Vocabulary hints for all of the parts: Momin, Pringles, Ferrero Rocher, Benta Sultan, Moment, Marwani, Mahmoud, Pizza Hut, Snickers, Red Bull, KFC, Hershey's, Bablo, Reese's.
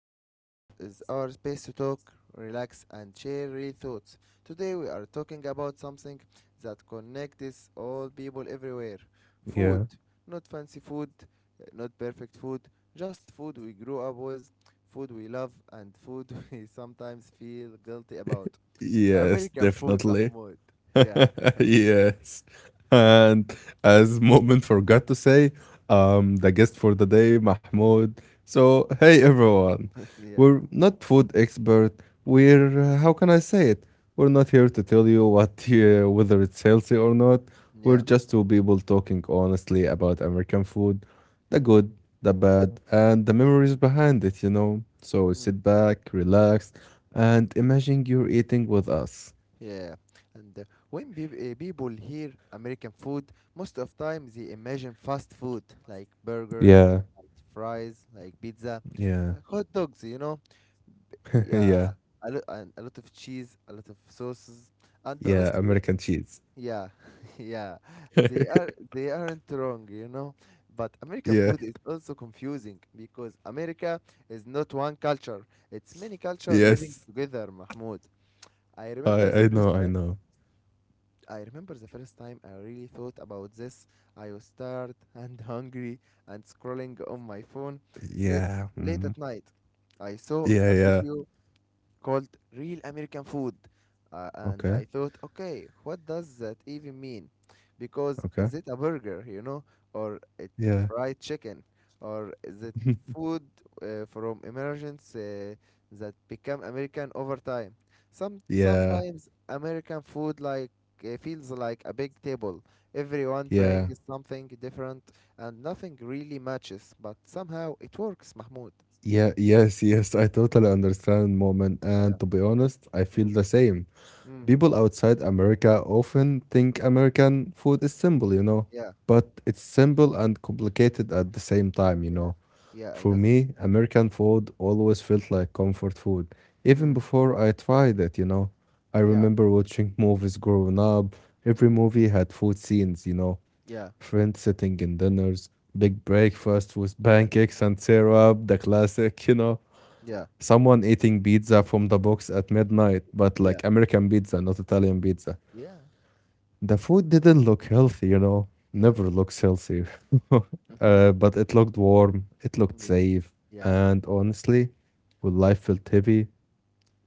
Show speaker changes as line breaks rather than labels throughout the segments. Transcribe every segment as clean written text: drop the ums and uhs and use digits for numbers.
Momin and this is our space to talk, relax and share real thoughts. Today we are talking about something that connects all people everywhere. Food.
Yeah.
Not fancy food, not perfect food, just food we grew up with, food we love and food we sometimes feel guilty about.
Yes,
American food,
definitely.
Mahmoud. Yeah. Amer-
Yes.
Yeah.
And as Moment forgot to say, the guest for the day, Mahmoud. So, hey everyone,
yeah.
we're not food expert. We're how can I say it? We're not here to tell you what whether it's healthy or not. We're
Yeah.
just two people talking honestly about American food, the good, the bad, and the memories behind it. You know. So sit back, relax, and imagine you're eating with us.
Yeah, and when people hear American food, most of time they imagine fast food like burgers,
Yeah,
like fries, like pizza,
yeah.
like hot dogs. You know,
Yeah,
yeah, a lot and a lot of cheese, a lot of sauces, and
yeah,
honestly,
American cheese.
yeah, yeah, they are they aren't wrong. You know, but American
Yeah,
food is also confusing because America is not one culture; it's many culture living
yes,
together. Mahmoud, I remember
I
the
I
first
know, I
time.
know.
I remember the first time I really thought about this. I was tired and hungry and scrolling on my phone late,
Yeah,
late
mm,
at night. I saw
yeah,
a
yeah.
video called Real American Food. And I
Okay,
thought, okay, what does that even mean? Because is
okay.
it a burger, you know, or it
Yeah,
fried chicken, or is it food from emergence that become American over time? Some
yeah,
sometimes American food like feels like a big table. Everyone
yeah,
brings something different, and nothing really matches, but somehow it works, Mahmoud.
yeah. Yes, yes. I totally understand, Moment.
Yeah.
And to be honest, I feel
Mm,
the same.
mm,
People outside America often think American food is simple, you know,
yeah.
but it's simple and complicated at the same time, you
Yeah.
know.
Yeah, I
For
know that.
me, American food always felt like comfort food, even
Hmm.
before I tried it, you know. I
Yeah.
remember watching movies growing up. Every movie had food scenes, you know.
Yeah.
Friends sitting in dinners, big breakfast with
Yeah.
pancakes and syrup, the classic, you know.
Yeah.
Someone eating pizza from the box at midnight, but
Yeah.
like American pizza, not Italian pizza.
Yeah.
The food didn't look healthy, you know,
Yeah.
never looks healthy. But it looked warm, it looked
Yeah.
safe,
Yeah.
and honestly, when life felt heavy,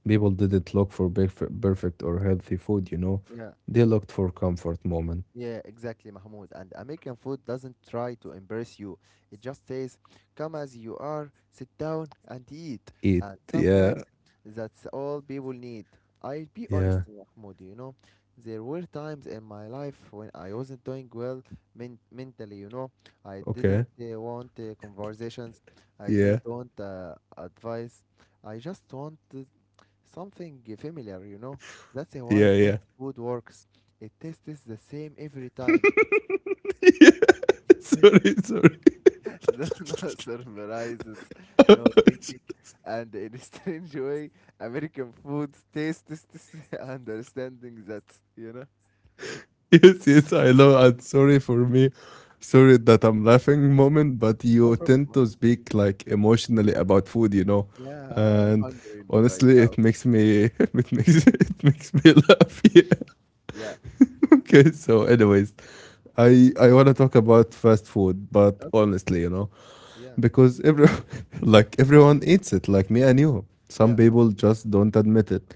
people didn't look for perfect or healthy food, you know.
Yeah.
They looked for comfort moment.
Yeah, exactly, Mahmoud. And American food doesn't try to embarrass you. It just says, come as you are, sit down and eat.
Eat.
And
Yeah.
sometimes that's all people need. I'll be honest,
Yeah.
Mahmoud, you know, there were times in my life when I wasn't doing well mentally, you know. I didn't
Okay.
want conversations, I
Yeah.
didn't want advice. I just wanted something familiar, you know. That's why
Yeah.
fast
Yeah.
food works. It tastes the same every time.
Sorry. Sorry.
No surprises, no thinking, and in a strange way, American food tastes this understanding that, you know.
Yes, yes, I know. I'm sorry for me. Sorry that I'm laughing moment, but
No
you
problem.
tend
Huh?
to speak like emotionally about food, you know.
Yeah, I'm
And
hungry right
honestly,
now.
it makes me it makes me laugh. Yeah.
Yeah.
Okay, so anyways, I want to talk about fast food, but
Okay.
honestly, you know,
Yeah.
because every like everyone eats it, like me and you. Some
Yeah.
people just don't admit it.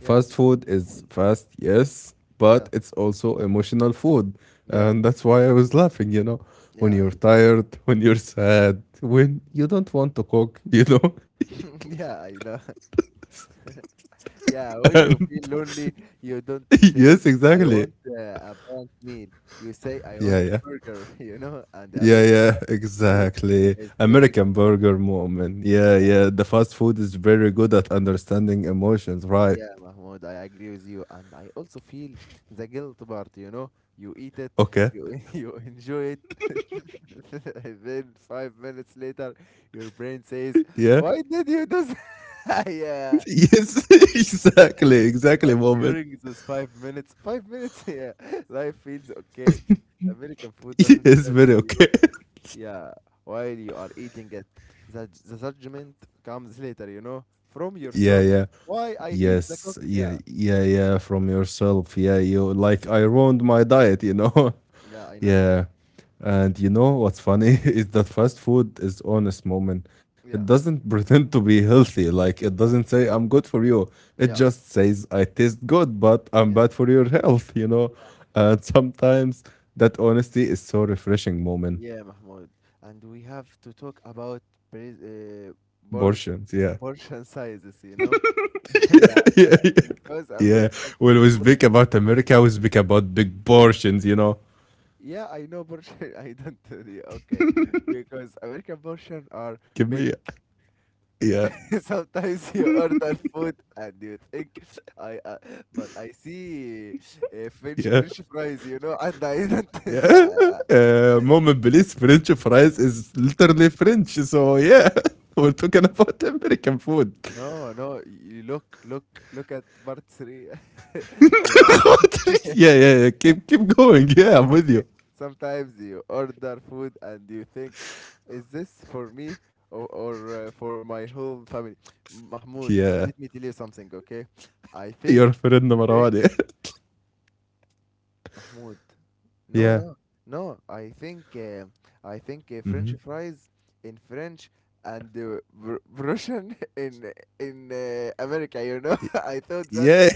Yeah.
food is fast, yes,
Yeah.
but it's also emotional food.
Yeah.
And that's why I was laughing, you know, when
Yeah.
you're
I,
tired, when you're sad, when you don't want to cook, you know?
yeah, I know. Yeah, when you
And
feel lonely, you don't say,
yes,
I
exactly.
want a balanced meal. You say, I
Yeah,
want
yeah.
burger, you know, and the
Yeah,
American
yeah,
food
exactly.
is very
American burger moment.
good.
Yeah, yeah.
Yeah,
The fast food is very good at understanding emotions, right?
yeah, Mahmoud, I agree with you. And I also feel the guilt part, you know, you eat it,
Okay.
you you enjoy it, and then 5 minutes later, your brain says,
Yeah.
why did you do that? Yeah,
Yes, exactly, exactly
but
moment.
during those 5 minutes, 5 minutes, yeah, life feels okay. American food doesn't
Yes,
judge
very
you.
okay.
Yeah, while you are eating it, the judgment comes later, you know, from
Yeah,
yourself.
yeah.
Why I eat the cook?
Yes, yeah,
Yeah,
yeah, yeah, from yourself. Yeah, you like I ruined my diet, you know.
yeah, I know that.
Yeah. And you know what's funny is that fast food is honest, moment. It
Yeah,
doesn't pretend to be healthy. Like it
yeah,
doesn't say I'm good for you. It
yeah,
just says I taste good, but I'm
yeah,
bad for your health, you know.
yeah, yeah,
And sometimes that honesty is so refreshing, moment.
yeah, Mahmoud. And we have to talk about pres- uh, por-
Portions, yeah.
portion sizes, you know?
Yeah,
yeah,
yeah, yeah.
because
Yeah,
American
when we speak about America, we speak about big portions, you know,
yeah, I know Persian. I don't tell okay. Because American portion are
give
big.
me yeah,
Sometimes you order food and you think I but I see French
yeah,
French fries, you know, and I don't
yeah.
uh,
Moment, Belize French fries is literally French, so yeah. We're talking about American food.
no, no, you look look at part 3. Yeah.
Yeah, yeah, yeah. Keep going. Yeah, I'm with
Okay.
you.
Sometimes you order food and you think is this for me or, or for my whole family? Mahmoud,
Yeah,
let me tell you something, okay? I think
your friend Marwani.
Mahmoud. No,
Yeah.
no, no. I think French
Mm-hmm.
fries in French and Russian in America. You know, I thought that
Yeah,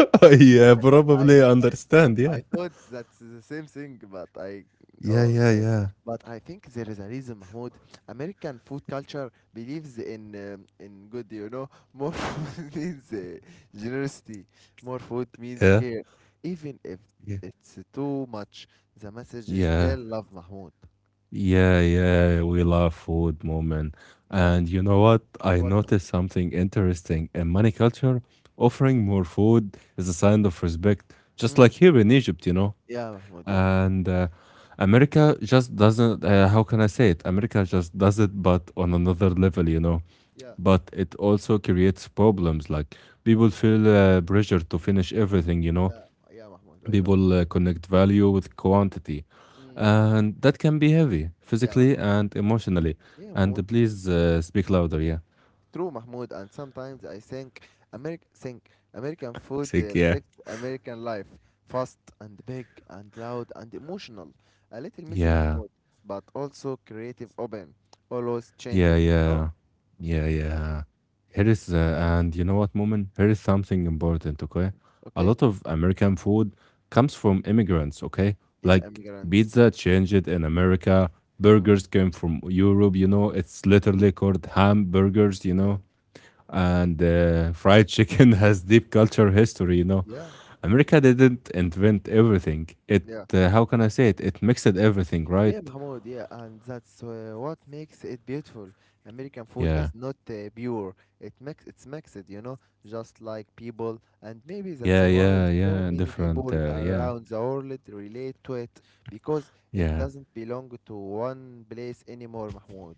yeah,
I
probably understand. Yeah,
I thought that's the same thing, but I.
yeah,
Oh,
yeah,
okay.
yeah,
But I think there is a reason, Mahmoud. American food culture believes in good, you know. More food means generosity. More food means
yeah,
care. Even if
yeah.
it's too much, the message is
Yeah.
still love, Mahmoud.
Yeah, yeah, we love food, moment.
Yeah.
And you know what? I
What,
noticed
Mahmoud?
something interesting. In many culture, offering more food is a sign of respect, just
Hmm.
like here in Egypt, you know.
Yeah, Mahmoud. Yeah.
And America just doesn't, how can I say it? America just does it, but on another level, you know.
Yeah.
But it also creates problems, like people feel pressure to finish everything, you know.
Yeah. Yeah, Mahmoud. I know.
People connect value with quantity,
Hmm.
and that can be heavy
Yeah,
physically
Mahmoud.
and emotionally.
Yeah,
And
Mahmoud.
please speak louder. Yeah.
True, Mahmoud, and sometimes I think, Ameri- think American food
Sick, yeah.
reflects American life, fast and big and loud and emotional, a little messy,
Yeah,
Mahmoud, but also creative, open, always
yeah,
changing. You know?
yeah, yeah, yeah. Here is, and you know what, Moment. Here is something important, okay? A
Okay?
lot of American food comes from immigrants, okay?
Yeah,
Like
immigrants.
pizza changed in America,
Mm,
burgers came from Europe, you know, it's literally called hamburgers, you
yeah,
know? And fried chicken has deep culture history, you know.
yeah,
America didn't invent everything. It
yeah.
How can I say it? It mixed everything,
Yeah,
right?
Mahmoud, yeah, and that's what makes it beautiful. American food
Yeah,
is not pure. It mix, it's mixed, you know, just like people, and maybe that's
yeah,
why
yeah,
so
yeah,
many
different,
people
yeah.
around the world relate to it because it
Yeah,
doesn't belong to one place anymore, Mahmoud.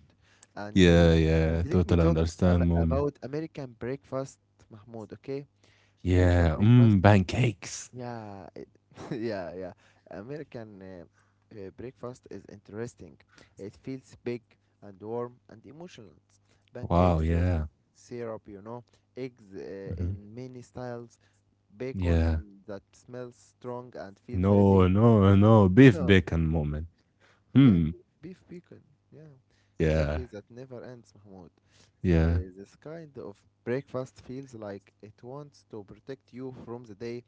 And uh,
yeah, yeah,
and let me
totally
talk
understand, moment.
about American breakfast, Mahmoud, okay? American
Yeah,
breakfast
mm, pancakes.
yeah, it, yeah, yeah. American breakfast is interesting. It feels big and warm and emotional.
Wow,
Pancakes with
yeah.
syrup, you know, eggs
Hmm,
in many styles,
yeah.
bacon that smells strong and feels heavy.
No, no, no beef
No,
bacon, moment.
yeah,
Hmm,
beef bacon. Yeah,
yeah,
coffee that never ends, Mahmoud.
yeah.
This kind of breakfast feels like it wants to protect you from the day,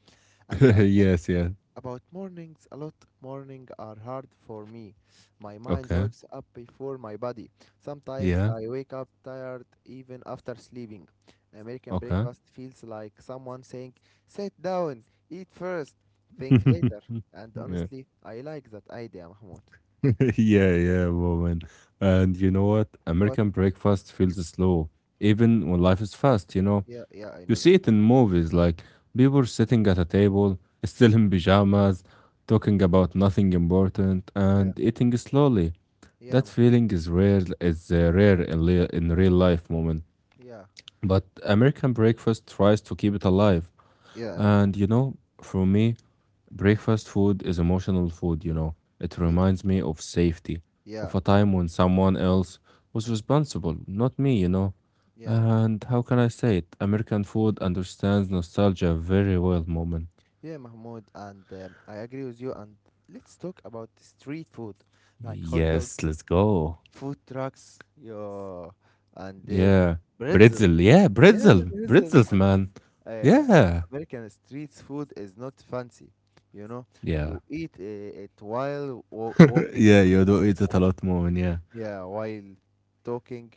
and I think
Yes, yeah.
about mornings, a lot mornings are hard for me. My mind
Okay,
wakes up before my body. Sometimes
yeah.
I wake up tired even after sleeping. American
Okay.
breakfast feels like someone saying, "Sit down, eat first, think later." And
Yeah.
honestly, I like that idea, Mahmoud.
Yeah, yeah, woman. And you know what?
What?
American breakfast feels slow, even when life is fast, you know?
Yeah, yeah, I
You
know that.
see it in movies, like people sitting at a table, still in pajamas, talking about nothing important,
Yeah,
and eating slowly.
yeah,
That
Mahmoud.
feeling is rare in, in real life, woman.
Yeah,
But American breakfast tries to keep it alive.
yeah,
And you know, for me, breakfast food is emotional food, you know. It
yeah,
reminds me of safety,
yeah,
of a time when someone else was responsible, not me, you know.
yeah, Mahmoud.
And how can I say it? American food understands nostalgia very well, moment.
Yeah, Mahmoud, and I agree with you. And let's talk about street food, like hot
Yes,
dogs
let's go.
food trucks, yeah, and the
Yeah.
pretzels.
Britzel, yeah,
Yeah,
britzel,
pretzels.
britzels, man.
Uh,
Yeah.
American street food is not fancy, you know.
Yeah.
You eat it while walking,
Yeah, you do eat it a lot, moment, yeah.
yeah, while talking,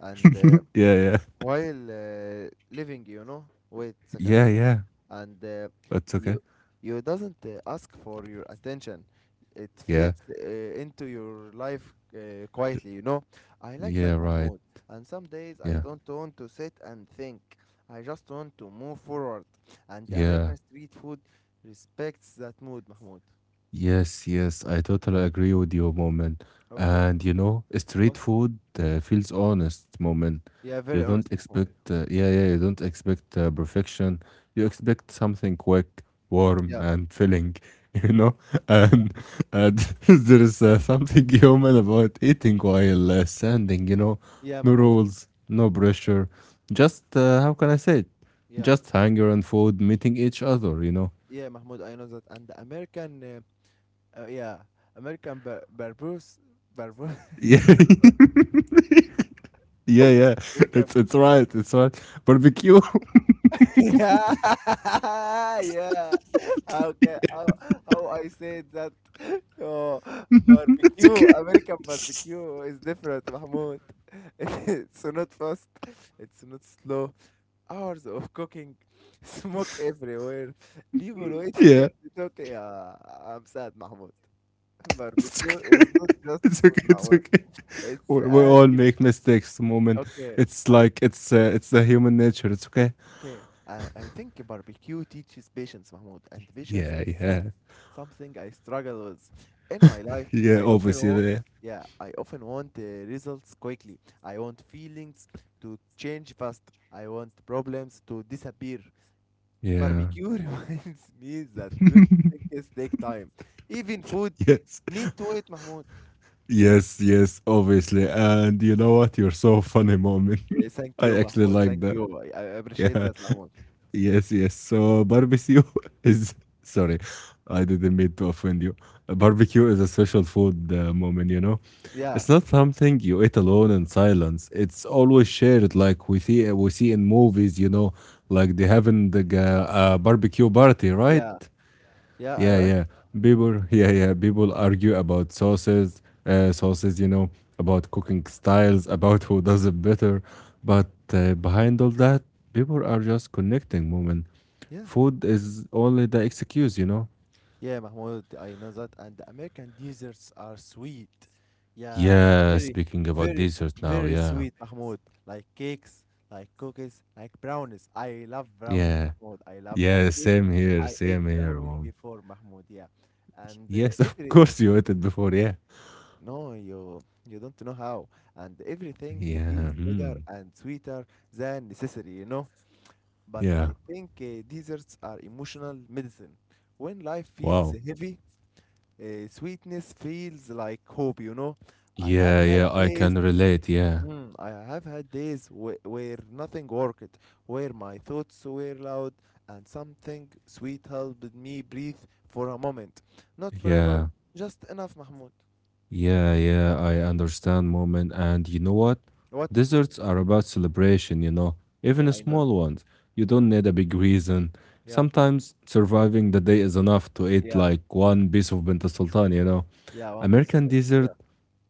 and
Yeah, yeah.
while living, you know. Wait a second.
Yeah, yeah.
And
That's okay.
you you doesn't ask for your attention. It
Yeah.
fits into your life quietly, you know. I like
Yeah,
that,
right.
Mahmoud. And some days I
Yeah.
don't want to sit and think. I just want to move forward. And the
Yeah.
American street food respects that mood, Mahmoud.
Yes, yes. I totally agree with you, Moment.
Okay.
And you know,
What?
street food feels honest, Moment.
Yeah, very
You
honest,
don't
Mahmoud.
expect, yeah, yeah, you don't expect perfection. You expect something quick, warm,
Yeah.
and filling, you
Mm.
know?
Yeah.
And, and there is something human about eating while standing, you know?
Yeah,
No
Mahmoud.
rules, no pressure. Just, how can I say it?
Yeah.
Just hunger and food meeting each other, you know?
Yeah, Mahmoud, I know that. And the American, yeah, American barber,
Yeah, yeah, yeah.
Will Kemp.
It's it's right. It's right. Barbecue.
Yeah, yeah. How can how I said that? Oh,
It's
barbecue,
okay.
American barbecue is different, Mahmoud. It's not fast, it's not slow. Hours of cooking, smoke everywhere, people waiting
Yeah,
at the door. Yeah, I'm sad, Mahmoud.
it's
Barbecue
okay.
is not just
It's
food,
okay. It's
Mahmoud.
okay.
It's
We
an
all make mistakes. Moment.
okay.
It's
I
like it's the human nature. It's okay.
okay, I think barbecue teaches patience, Mahmoud, and patience
Yeah,
is
yeah,
something I struggle with in my life.
yeah.
I often want,
Obviously,
yeah, I often want results quickly. I want feelings to change fast. I want problems to disappear.
yeah.
Barbecue reminds me that good things take time. Even food
Yes,
need to wait, Mahmoud.
yes, yes. Obviously, and you know what? You're so funny, moment.
Thank
I
you,
actually
Mahmoud.
like
Thank
that.
you. I appreciate
Yeah.
that, Mahmoud.
Yes, yes. So barbecue is sorry, I didn't mean to offend you. Barbecue is a social food moment, you know.
Yeah,
It's not something you eat alone in silence. It's always shared, like we see in movies, you know, like they having the barbecue party, right?
yeah, yeah. I
Yeah,
right.
yeah. People, yeah, yeah. People argue about sauces, you know, about cooking styles, about who does it better. But behind all that, people are just connecting, moment.
Yeah.
Food is only the excuse, you know?
Yeah, Mahmoud, I know that. And the American desserts are sweet. Yeah,
Yeah,
very,
speaking about
very,
desserts now,
very
yeah.
sweet, Mahmoud. Like cakes, like cookies, like brownies. I love brownies,
Yeah,
Mahmoud. I love, I
yeah,
eat, I ate
same here,
brownies
mom.
before, Mahmoud. Yeah. And uh,
Yes, of
every,
course you
e-
ate it before, yeah.
no, you, you don't know how. And everything
Yeah,
feels bigger
mm,
and sweeter than necessary, you know? But
yeah,
I think desserts are emotional medicine. When life feels
wow.
heavy, sweetness feels like hope, you know. I have
Yeah,
had
yeah, I
days,
can relate, yeah,
mm, I have had days where nothing worked, where my thoughts were loud, and something sweet helped me breathe for a moment. Not forever,
yeah.
just enough, Mahmoud.
Yeah, yeah, I understand, moment. And you know what?
What, Mahmoud?
Desserts are about celebration, you know, even
Yeah, I know.
small ones. You don't
Mm,
need a big reason.
yeah,
Sometimes surviving the day is enough to eat
yeah,
like one piece of Benta Sultan, you know.
yeah, one piece of
American
it. Yeah.
dessert,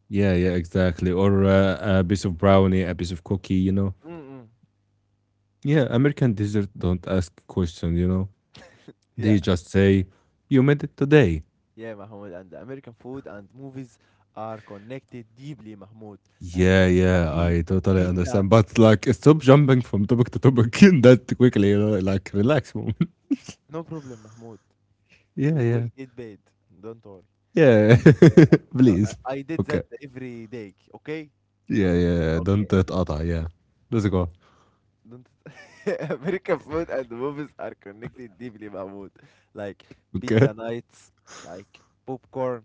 yeah, yeah, exactly. Or a piece of brownie, a piece of cookie, you know.
Mm-mm.
Yeah, American dessert don't ask questions, you know.
Yeah,
They just say, you made it today.
yeah, Mahmoud. And the American food and movies are connected deeply, Mahmoud. Like,
Yeah, yeah,
be
I totally
pizza.
understand. But like, stop jumping from topic to topic in that quickly, you know, like, relax, moment.
No problem, Mahmoud.
Yeah,
We will
yeah,
get paid. Don't worry.
yeah,
Yeah,
please.
I did
Okay.
that every day. Okay?
Yeah, yeah, yeah, don't
Okay.
تقطع. Yeah, let's go.
Don't American food and movies are connected deeply, Mahmoud. Like
Okay.
pizza nights, like popcorn,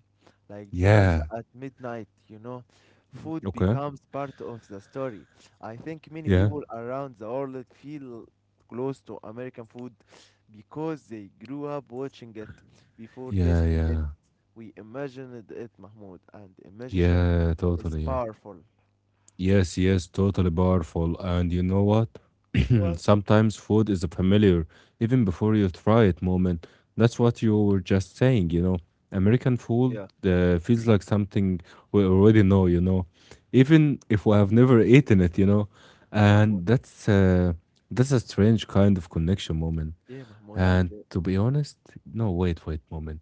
like dinners
Yeah.
at midnight, you know. Food
Okay.
becomes part of the story. I think many
Yeah.
people around the world feel close to American food because they grew up watching it before
Yeah,
tasting it.
yeah,
We imagined it, Mahmoud, and imagination
yeah,
is
totally. Yeah.
powerful.
Yes, yes, totally powerful. And you know what?
What?
Sometimes food is a familiar, even before you try it moment. That's what you were just saying, you know. American food
Yeah,
feels like something we already know, you know, even if we have never eaten it, you know.
yeah, Mahmoud.
And that's a strange kind of connection moment.
Yeah, Mahmoud, and
And to be honest, no, wait, wait, moment.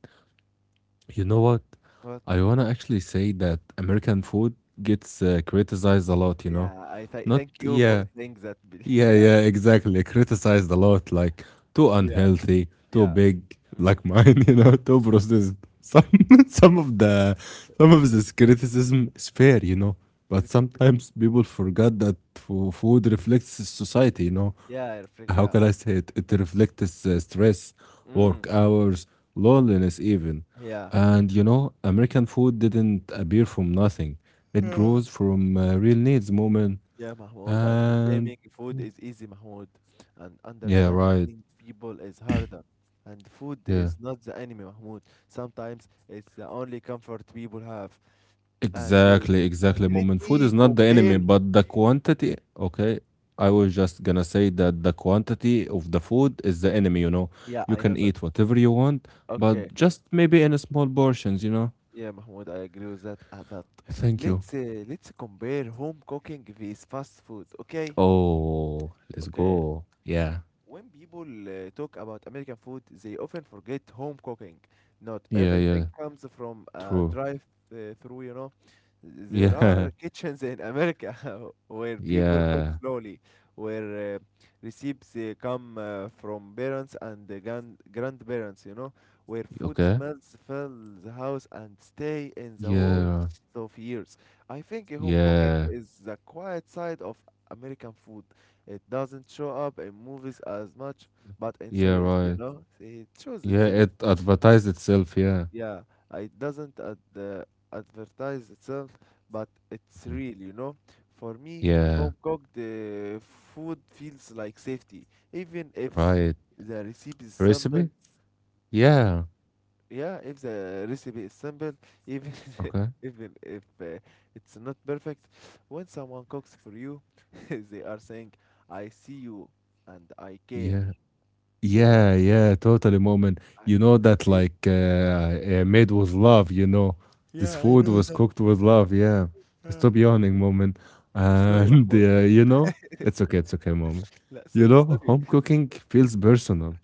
You know what?
what?
I wanna actually say that American food gets criticized a lot, you know.
Yeah, I th
Not
thank you for
yeah,
saying that.
yeah,
Yeah,
yeah, exactly. Criticized a lot, like too
yeah,
unhealthy, too
yeah.
big,
Mm.
like mine, you know, too processed. Some some of the some of this criticism is fair, you know. But
Criticism.
sometimes people forgot that food reflects society, you know.
Yeah, I reflect.
How
Yeah.
can I say it? It reflects stress,
Mm.
work hours, loneliness, even.
Yeah.
And you know, American food didn't appear from nothing. It
Yeah.
grows from real needs, moment,
Yeah, Mahmoud. And
and
blaming food is easy, Mahmoud. And
yeah,
understanding
right.
people is harder. And food
Yeah.
is not the enemy, Mahmoud. Sometimes it's the only comfort people have. And
Exactly,
uh,
exactly.
and let
Moment, food
me
is not the
compare.
enemy, but the quantity. Okay. I was just gonna say that the quantity of the food is the enemy, you know.
Yeah,
You
I
can
know that.
eat whatever you want,
Okay.
but just maybe in small portions, you know.
Yeah, Mahmoud, I agree with that. But
Thank you.
let's compare home cooking with fast food. Okay,
Oh, let's
okay.
go. Yeah.
When people talk about American food, they often forget home cooking. Not
Yeah,
everything
yeah.
comes from a
True.
drive-through, you know. There
Yeah.
are kitchens in America where people cook
Yeah.
slowly, where recipes come from parents and grandparents, where food
Okay.
smells fill the house and stay in the walls
Yeah.
of years. I think home cooking
Yeah.
is the quiet side of American food. It doesn't show up in movies as much, but in
Yeah,
series,
right.
it shows in
Yeah,
series.
it advertised itself, yeah.
Yeah, it doesn't ad advertise itself, but it's real. For me,
Yeah,
home cooked food feels like safety, even if
right.
the recipe is simple.
Recipe? Yeah.
Yeah, if the recipe is simple, even
Okay.
even if it's not perfect, when someone cooks for you, they are saying, "I see you and I care."
Yeah.
Yeah,
Yeah, yeah, totally, moment.
I
You
need
know
to
that
sleep.
like made with love, you know. This
Yeah, I
food
know
was
that.
cooked with love, yeah.
Yeah.
Stop yawning, moment.
Sorry,
And uh,
Mahmoud.
you know, it's okay, moment.
La
You
so
know,
sorry.
home cooking feels personal.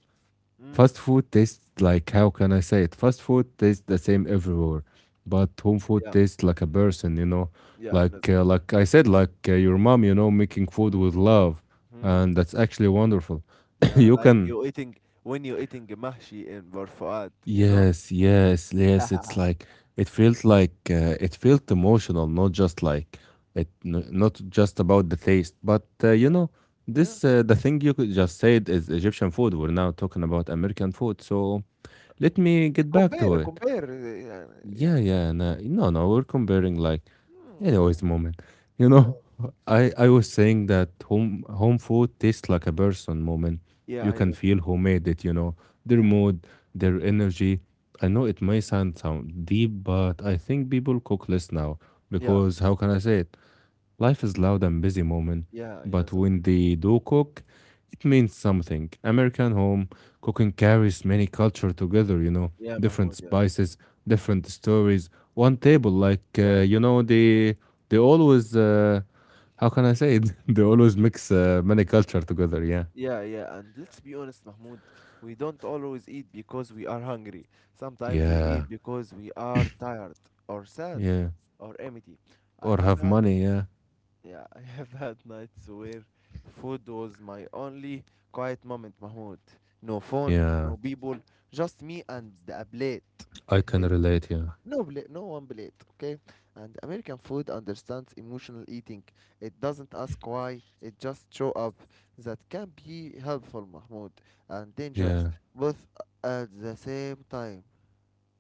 Mm.
Fast food tastes like, how can I say it? Fast food tastes the same everywhere, but home food
Yeah,
tastes like a person.
yeah, I know
Like like I said, like your mom, making food
that.
with love,
Mhm.
and that's actually wonderful.
Yeah,
you
like
can
you eating when you eating mahshi in Barfuad, you know?
Yes, yes, yes. It's like it felt like it felt emotional, not just like it, not just about the taste, but uh, you
Yeah.
know,
Yeah.
this the thing you could just said is Egyptian food. We're now talking about American food, so let me
Yeah,
get back to
compare,
it.
compare. Yeah,
Yeah,
yeah.
yeah. No, no, no. We're comparing like
Mm,
anyways, the moment, you
no.
know, I was saying that home food tastes like a person. Moment,
Yeah,
you
I
can
know that.
feel who made it. Their
Yeah,
mood, their energy. I know it may sound deep, but I think people cook less now
yeah,
because how can I say it? Life is loud and busy, moment,
yeah, I know
but
that.
when they do cook, it means something. American home cooking carries many culture together,
Yeah,
different
Mahmoud, yeah.
spices, different stories. One table, like uh,
Yes,
you know, they always how can I say it? they always mix many culture together. Yeah,
yeah, yeah, and let's be honest, Mahmoud, we don't always eat because we are hungry. Sometimes we
yeah,
eat because we are tired or sad
yeah.
or empty. I
Or
have
have
had
money. Yeah,
Yeah, I have had nights where food was my only quiet moment, Mahmoud. No phone,
yeah.
no people, just me and a plate.
I can
And
relate. Yeah,
no plate, no one plate, okay? And American food understands emotional eating. It doesn't ask why, it just show up. That can be helpful, Mahmoud, and dangerous,
yeah.
both at the same time.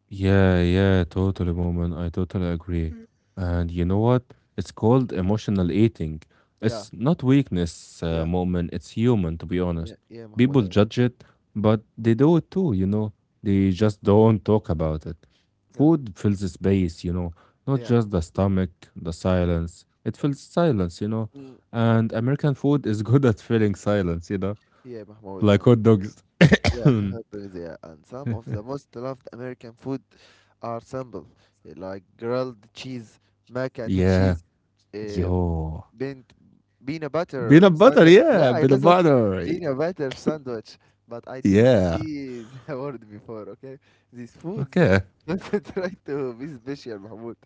Yeah, yeah, totally, moment. I totally agree. And you know what? It's called emotional eating.
Yeah,
It's not weakness,
yeah,
moment. It's human, to be honest.
yeah, yeah,
People
Mahmoud, I know.
judge it, but they do it too, you know?
Mm,
They just don't talk about it.
yeah,
Food fills the space, you know? Not
yeah,
just the stomach, the silence. It fills silence, you know?
mm,
And American food is good at filling silence, you know?
yeah, Mahmoud,
Like
and
hot dogs.
yeah, hamburgers, yeah. And some of the most loved American food are simple, like grilled cheese, mac and
Yeah.
cheese, uh,
Yo.
been been a better
Peanut butter,
sandwich.
yeah,
Yeah, I know
peanut
that
butter,
Been a better sandwich, but I didn't
yeah.
see the word before. Okay, these foods
Okay.
don't try to be special, Mahmoud,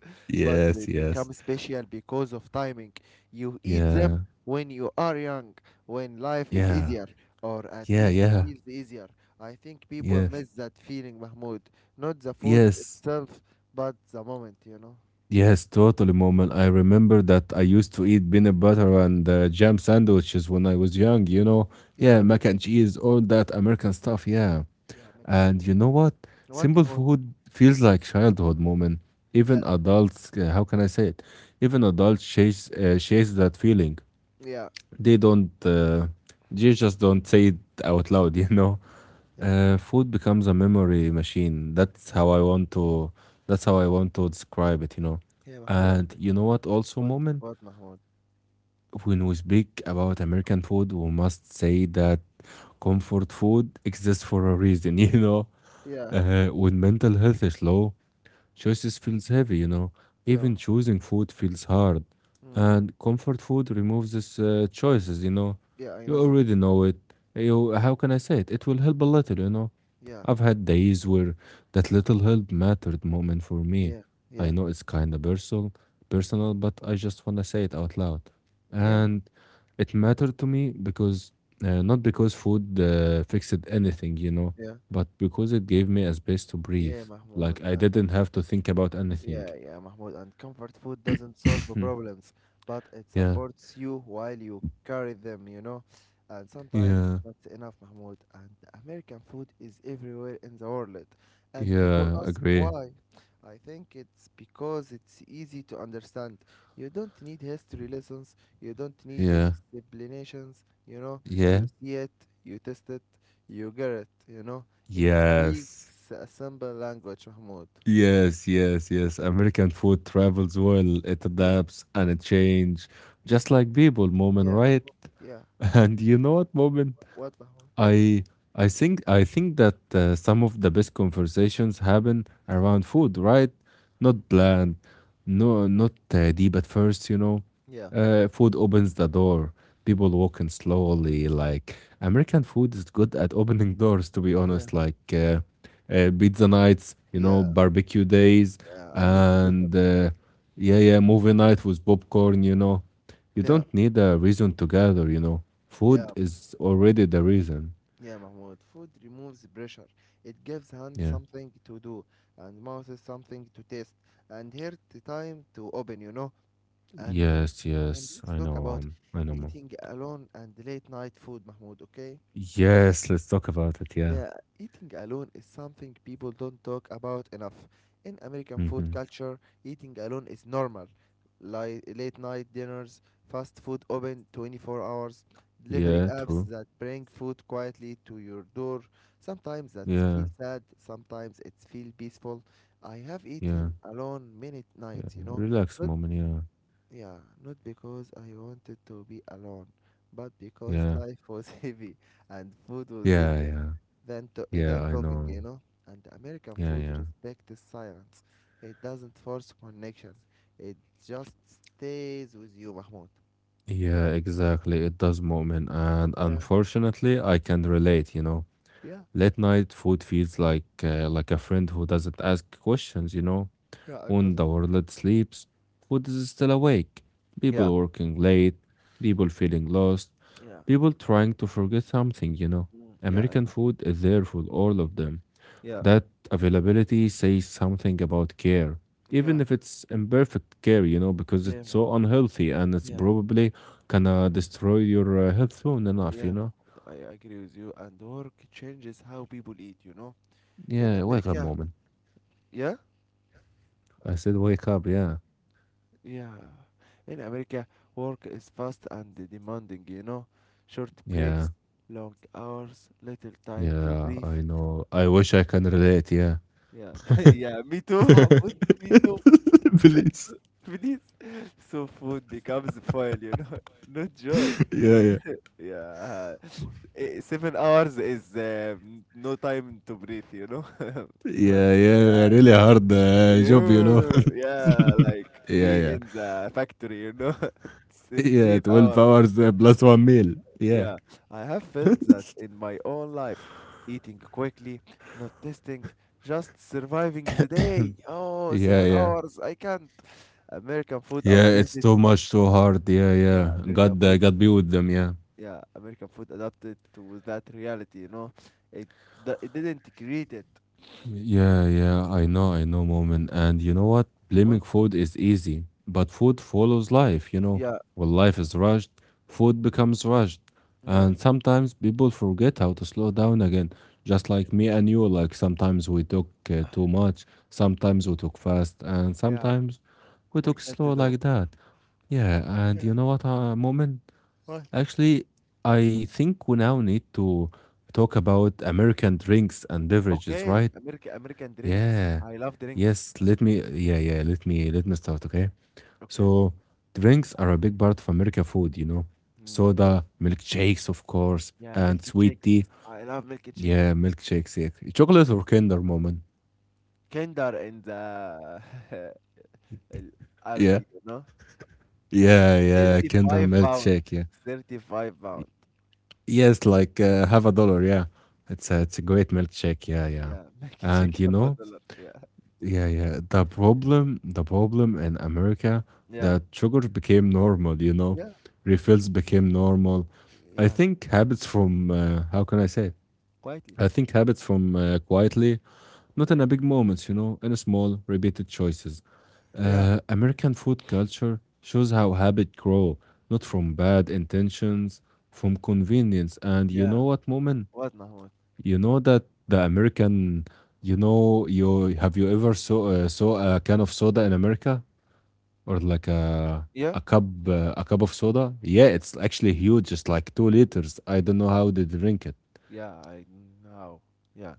but they
Yes, yes,
become special because of timing. You eat them
yeah,
when you are young, when life is
yeah,
easier, or at
yeah,
least
yeah,
feels easier. I think people
yes,
miss that feeling, Mahmoud. Not the food
yes,
itself, but the moment. You know.
yes. Totally, moment. I remember that I used to eat peanut butter and jam sandwiches when I was young. Yeah,
Yeah,
mac
Bino,
and cheese, all that American stuff. Yeah,
yeah, mac and
and
cheese.
you know what?
What,
Simple
Mahmoud?
food feels like childhood moment. Even
Yeah.
adults, how can I say it? Even adults chase that feeling.
Yeah,
They don't uh, they just don't say it out loud you know
yeah.
Food becomes a memory machine. That's how I want to that's how I want to describe it.
Yeah, Mahmoud, and
And you know what also,
what
moment,
what Mahmoud?
when we speak about american food we must say that comfort food exists for a reason you know
Yeah,
When mental health is low, choices feels heavy.
yeah.
Even choosing food feels hard.
Mm.
And comfort food removes these choices.
Yeah, I
You
know that.
already know it. You, how can I say it? It will help a little.
Yeah,
I've had days where that little help mattered moment for me.
yeah,
I
yeah.
know it's kind of personal, but I just want to say it out loud.
Yeah,
And it mattered to me because not because food fixed anything,
yeah.
but because it gave me a space to breathe.
Yeah, Mahmoud.
Like I
uh,
didn't have to think about anything.
Yeah, yeah, Mahmoud. And comfort food doesn't solve the problems, but it
yeah,
supports you while you carry them, you know? And sometimes
yeah,
that's enough, Mahmoud. And American food is everywhere in the world. And people
yeah.
ask
Agree.
why. I think it's because it's easy to understand. You don't need history lessons, you don't need
Yeah,
explanations, you know?
yeah.
You see it, you taste it, you get it, you know? It
Yes,
speaks a simple language, Mahmoud.
yes, yes, yes. American food travels well. It
Yeah.
adapts and it changes, just like people, moment,
Yeah,
right?
Mahmoud. Yeah.
And you know what, moment?
What, Mahmoud?
I I think that some of the best conversations happen around food, right? Not
Yeah.
planned, no, not deep at first. You know,
Yeah.
uh, Food opens the door. People walk in slowly. Like American food is good at opening doors. To be
Yeah.
honest, like
Yeah.
uh, uh, pizza nights,
Yeah.
barbecue days,
Yeah. I need to do that.
and yeah, yeah, movie night with popcorn. You
Yeah.
don't need a reason to gather.
Yeah.
Food is already the reason.
Yeah, Mahmoud. Food removes pressure. It gives hand
Yeah.
something to do, and mouth is something to taste, and heart time to open. You know. And uh,
Yes,
and
yes,
let's talk about
I know, mom.
eating alone and late night food, Mahmoud. Okay.
Yes, let's talk about it. Yeah.
Yeah, eating alone is something people don't talk about enough. In American food
Mm-hmm.
culture, eating alone is normal. Like late night dinners, fast food open 24 hours, delivery
Yeah,
apps
true.
that bring food quietly to your door. Sometimes that
Yeah,
feels sad, sometimes it feels peaceful. I have
yeah,
eaten alone many
yeah.
nights.
Relax,
Not
mom. And
yeah, not because I wanted to be alone, but
yeah,
because
yeah,
life was heavy and food was easy
yeah, yeah,
than, to,
yeah.
than
I
talking, you
know.
know? And American
Yeah,
food
yeah,
respects silence. It doesn't force connection. It just stays with you, Mahmoud.
yeah. Exactly. It does, mom, and
Yeah,
unfortunately, I can relate.
yeah,
Late night food feels like like a friend who doesn't ask questions.
yeah, I know.
When
that.
the world sleeps, food is still awake. People
Yeah,
working late, people feeling lost,
yeah,
people trying to forget something.
mm, yeah, I
American
know.
food is there for all of them.
Yeah,
That availability says something about care, even
yeah,
if it's imperfect care, because
yeah,
it's so unhealthy and it's
Yeah,
probably gonna destroy your health soon enough, you
yeah,
know.
Mahmoud. I agree with you. And work changes how people eat, you know? In
Yeah, wake up,
America,
moment.
yeah,
I said, wake up, yeah.
yeah. In America, work is fast and demanding, you know? Short
Yeah,
breaks, long hours, little time to
yeah,
breathe.
I know. I wish I can relate, yeah.
Yeah, yeah, me too, Mahmoud, me too,
Please.
please. So food becomes foil, not joy.
Yeah, yeah.
Yeah, Eh, 7 hours is no time to breathe.
Yeah, yeah,
Yeah,
really hard job,
yeah, like
Yeah,
me
yeah.
in the factory,
Yeah,
13
12
hours.
hours plus one meal. Yeah.
Yeah, I have felt that in my own life, eating quickly, not testing, just surviving the day. Oh,
Yeah,
seven
yeah.
hours, I can't. American food
Yeah, it's
updated,
too much, too hard. Yeah, yeah.
yeah, American
God, uh,
food,
God be with them. Yeah.
yeah, American food adapted to that reality. It didn't create it.
Yeah, yeah, I know, moment. And you know what? Blaming
What?
food is easy, but food follows life.
Yeah,
When life is rushed, food becomes rushed.
yeah,
And sometimes people forget how to slow down again. Just
yeah.
like me and you, like sometimes we took too much, sometimes we took fast, and
yeah,
sometimes we
We
took
can't
slow
talk.
like that. Yeah, and
Yeah.
you know what, moment?
What?
Actually, I think we now need to talk about American drinks and beverages,
Okay,
right?
American drinks.
Yeah.
I love drinks.
Yes, let me yeah, yeah, let me start, okay?
Okay.
So drinks are a big part of American food.
Mm, yeah.
Soda, milkshakes, of course,
Yeah, milk
and sweet
shakes.
tea.
I love milk
Yeah,
shakes.
milkshakes, yeah. Chocolate or Kinder moment.
Kinder and the ال-
Yeah.
Alfie, you know?
Yeah, yeah, Kinder
£35.
milkshake, yeah.
£35.
Yes, like half a dollar, yeah. It's a great milkshake, yeah, yeah.
Yeah, milk
And
shake
you
for
know,
dollar. Yeah.
yeah, yeah. The problem in America
Yeah.
that sugar became normal,
Yeah.
refills became normal. I
Yeah,
think habits from how can I say?
quietly.
I think habits from, quietly, not in a big moments, in a small repeated choices.
Yeah.
American food culture shows how habit grow, not from bad intentions, from convenience. And you know
Yeah.
what, moment?
What, Mahmoud?
You know that the American, you ever saw saw a can of soda in America or like a
Yeah?
a cup uh, a cup of soda? Yeah, it's actually huge. It's like 2 liters. I don't know how they drink it.
Yeah, I know. Yeah,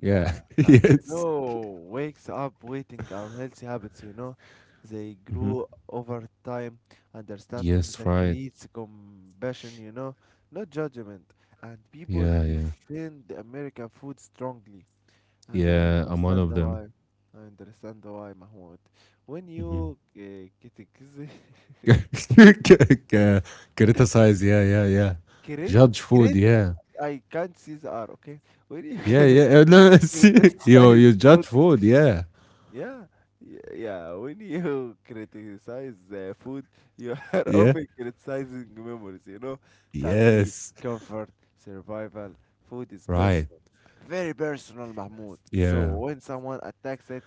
Yeah.
And
Yes.
no wakes up waiting unhealthy habits. They
Hmm.
grew over time, understanding
Yes,
that
right.
creates compassion, not judgment. And people
Yeah, yeah,
defend American food strongly. And I
yeah. I'm one
understand
of them.
why. I understand why, Mahmoud. When
Hmm.
you get a
Criticize. Yeah, yeah, yeah.
create,
Judge food.
create
Yeah,
I can't see the R, okay? When you
yeah, yeah. No, see, you
criticize
you judge
food,
food. Yeah,
yeah, yeah, when you criticize food, you are
yeah.
often criticizing memories, you know? Family,
Yes.
comfort, survival, food is
Right.
personal. Very personal, Mahmoud. So
Yeah.
when someone attacks it,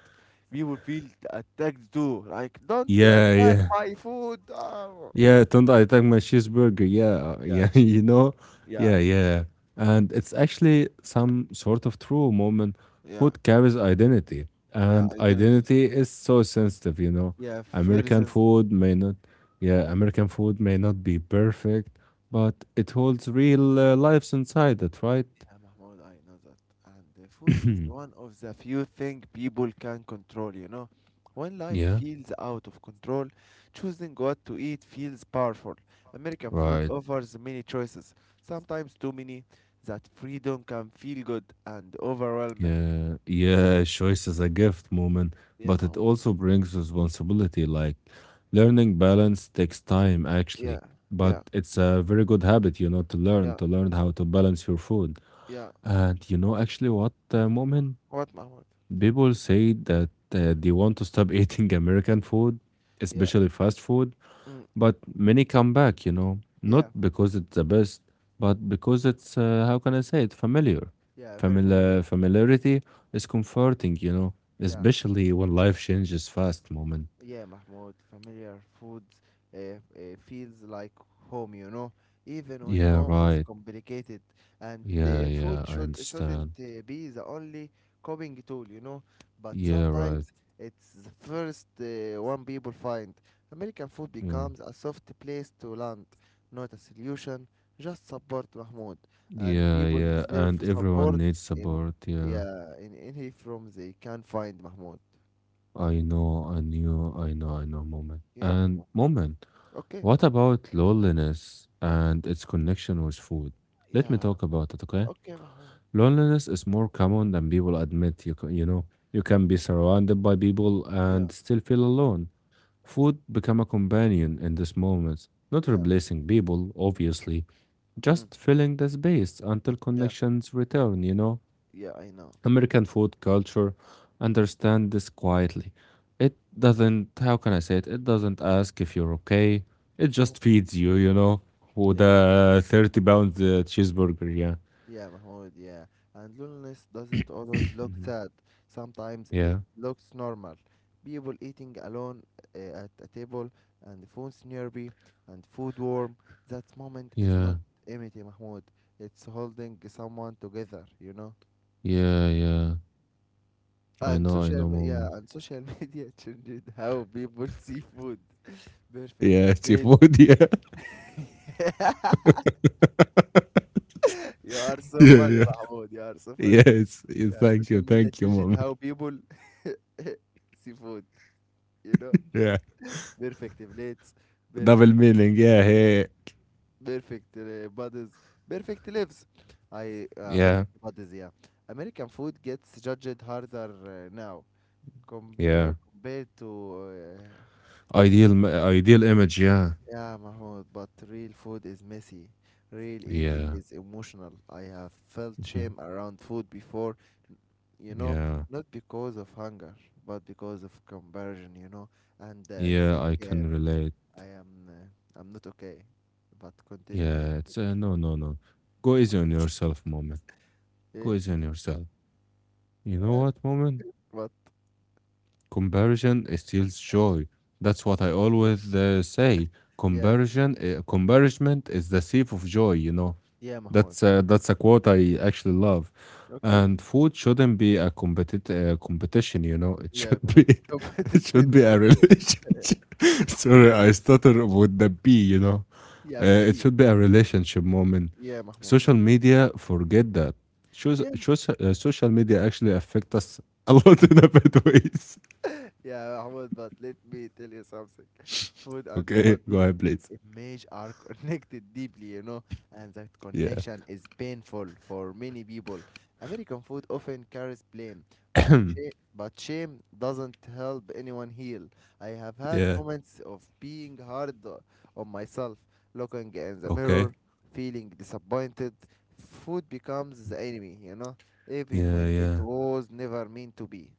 we will feel attacked too. Like, don't
Yeah.
attack
Yeah.
my food. Oh.
Yeah. Don't I take my cheeseburger? Yeah.
Yeah,
Yeah.
cheese.
You know?
Yeah,
Yeah. Yeah. And it's actually some sort of true moment.
yeah,
Food carries identity,
yeah,
and
identity.
identity is so sensitive, you know?
Yeah, very
American
sensitive.
food may not, yeah, American food may not be perfect, but it holds real lives inside it, right?
Yeah, Mahmoud, I know that. And the food is one of the few things people can control. When life
yeah.
feels out of control, choosing what to eat feels powerful. American food
Right.
offers many choices, sometimes too many, that freedom can feel good and overwhelming.
Yeah, yeah, choice is a gift moment,
Yeah,
but it
Mahmoud.
also brings responsibility. Like learning balance takes time,
Yeah,
actually, but
yeah,
it's a very good habit, to learn,
yeah,
how to balance your food.
yeah.
Actually, what moment,
What, Mahmoud?
people say that they want to stop eating American food,
Yeah,
especially fast food,
mm,
but many come back, not
yeah,
because it's the best, but because it's, how can I say it, familiar.
yeah, very familiar.
Familiarity is comforting,
Yeah.
especially when life changes fast, moment.
Yeah, Mahmoud, familiar foods feels like home, even when
Yeah,
home is
right.
complicated, and
Yeah,
the food
yeah, I
shouldn't
understand.
be the only coping tool. But
Yeah, right.
sometimes it's the first one people find. American food
Yeah.
becomes a soft place to land, not a solution, just support, Mahmoud, and
Yeah,
people
yeah.
deserve
And everyone
support
needs
in
support. Yeah.
yeah in any from they can find, Mahmoud.
I know, I knew, I know, moment.
Yeah,
And
Mahmoud.
moment,
Okay.
what about loneliness and its connection with food? Let me
Yeah,
talk about it, okay?
okay, Mahmoud.
Loneliness is more common than people admit. You ca- you know you can be surrounded by people
Yeah,
and still feel alone. Food become a companion in these moments, not
yeah,
replacing people, obviously,
mm,
just filling the space until
yeah,
connections return.
yeah, I know.
American food culture understand this quietly. It doesn't. How can I say it? It doesn't ask if you're okay. It
Mm,
just feeds you. With
yeah,
a 30 pound cheeseburger. Yeah.
yeah, Mahmoud, yeah. And loneliness doesn't always look
Mhm.
sad. Sometimes
Yeah.
it looks normal. People eating alone at a table and the phone's nearby and food warm. That moment is
Yeah.
not empty, Mahmoud. It's holding someone together, you know?
Yeah, yeah.
And
I
social
know,
yeah,
mom.
and social media changed how people see food. Perfect
Yeah, it's your
plates.
food, yeah,
You are so
yeah,
funny,
yeah.
Mahmoud. You are so funny.
Yes, yes,
Yeah, social media
thank you,
changed
mom.
how people see food. You know,
Yeah,
perfect plates, perfect,
double meaning. Yeah, hey.
perfect bodies, perfect lives. I
Yeah,
perfect bodies. Yeah, American food gets judged harder now
yeah.
compared to
Ideal image. Yeah,
yeah, Mahmoud. But real food is messy. Real eating
yeah,
is emotional. I have felt
mhm,
shame around food before you know,
yeah,
not because of hunger, but because of conversion. And I
yeah.
think
I can relate.
I am uh, I'm not okay. But continue.
Yeah, it's no, no, no. Go easy on yourself, moment. Go
Eh?
easy on yourself. You know
Uh,
what, moment?
What?
Comparison steals joy. That's what I always say.
Yeah,
Comparison is the thief of joy.
yeah, Mahmoud.
That's a quote I actually love.
Okay.
And food shouldn't be a competition. It
Yeah,
should be
gonna
it should be a relationship. Sorry, I stutter with the B.
yeah,
It
P.
should be a relationship moment.
Yeah, Mahmoud.
Social media, forget that.
Yeah,
Social media actually affect us a lot in a bad ways.
Yeah, Mahmoud, but let me tell you something. Food and
Okay, go
body
ahead, please.
image are connected deeply, and that
Yeah.
connection is painful for many people. American food often carries blame, but shame, but shame doesn't help anyone heal. I have had
yeah.
moments of being hard on myself, looking in the
Okay.
mirror, feeling disappointed. Food becomes the enemy, even
Yeah,
when it
yeah.
was never meant to be.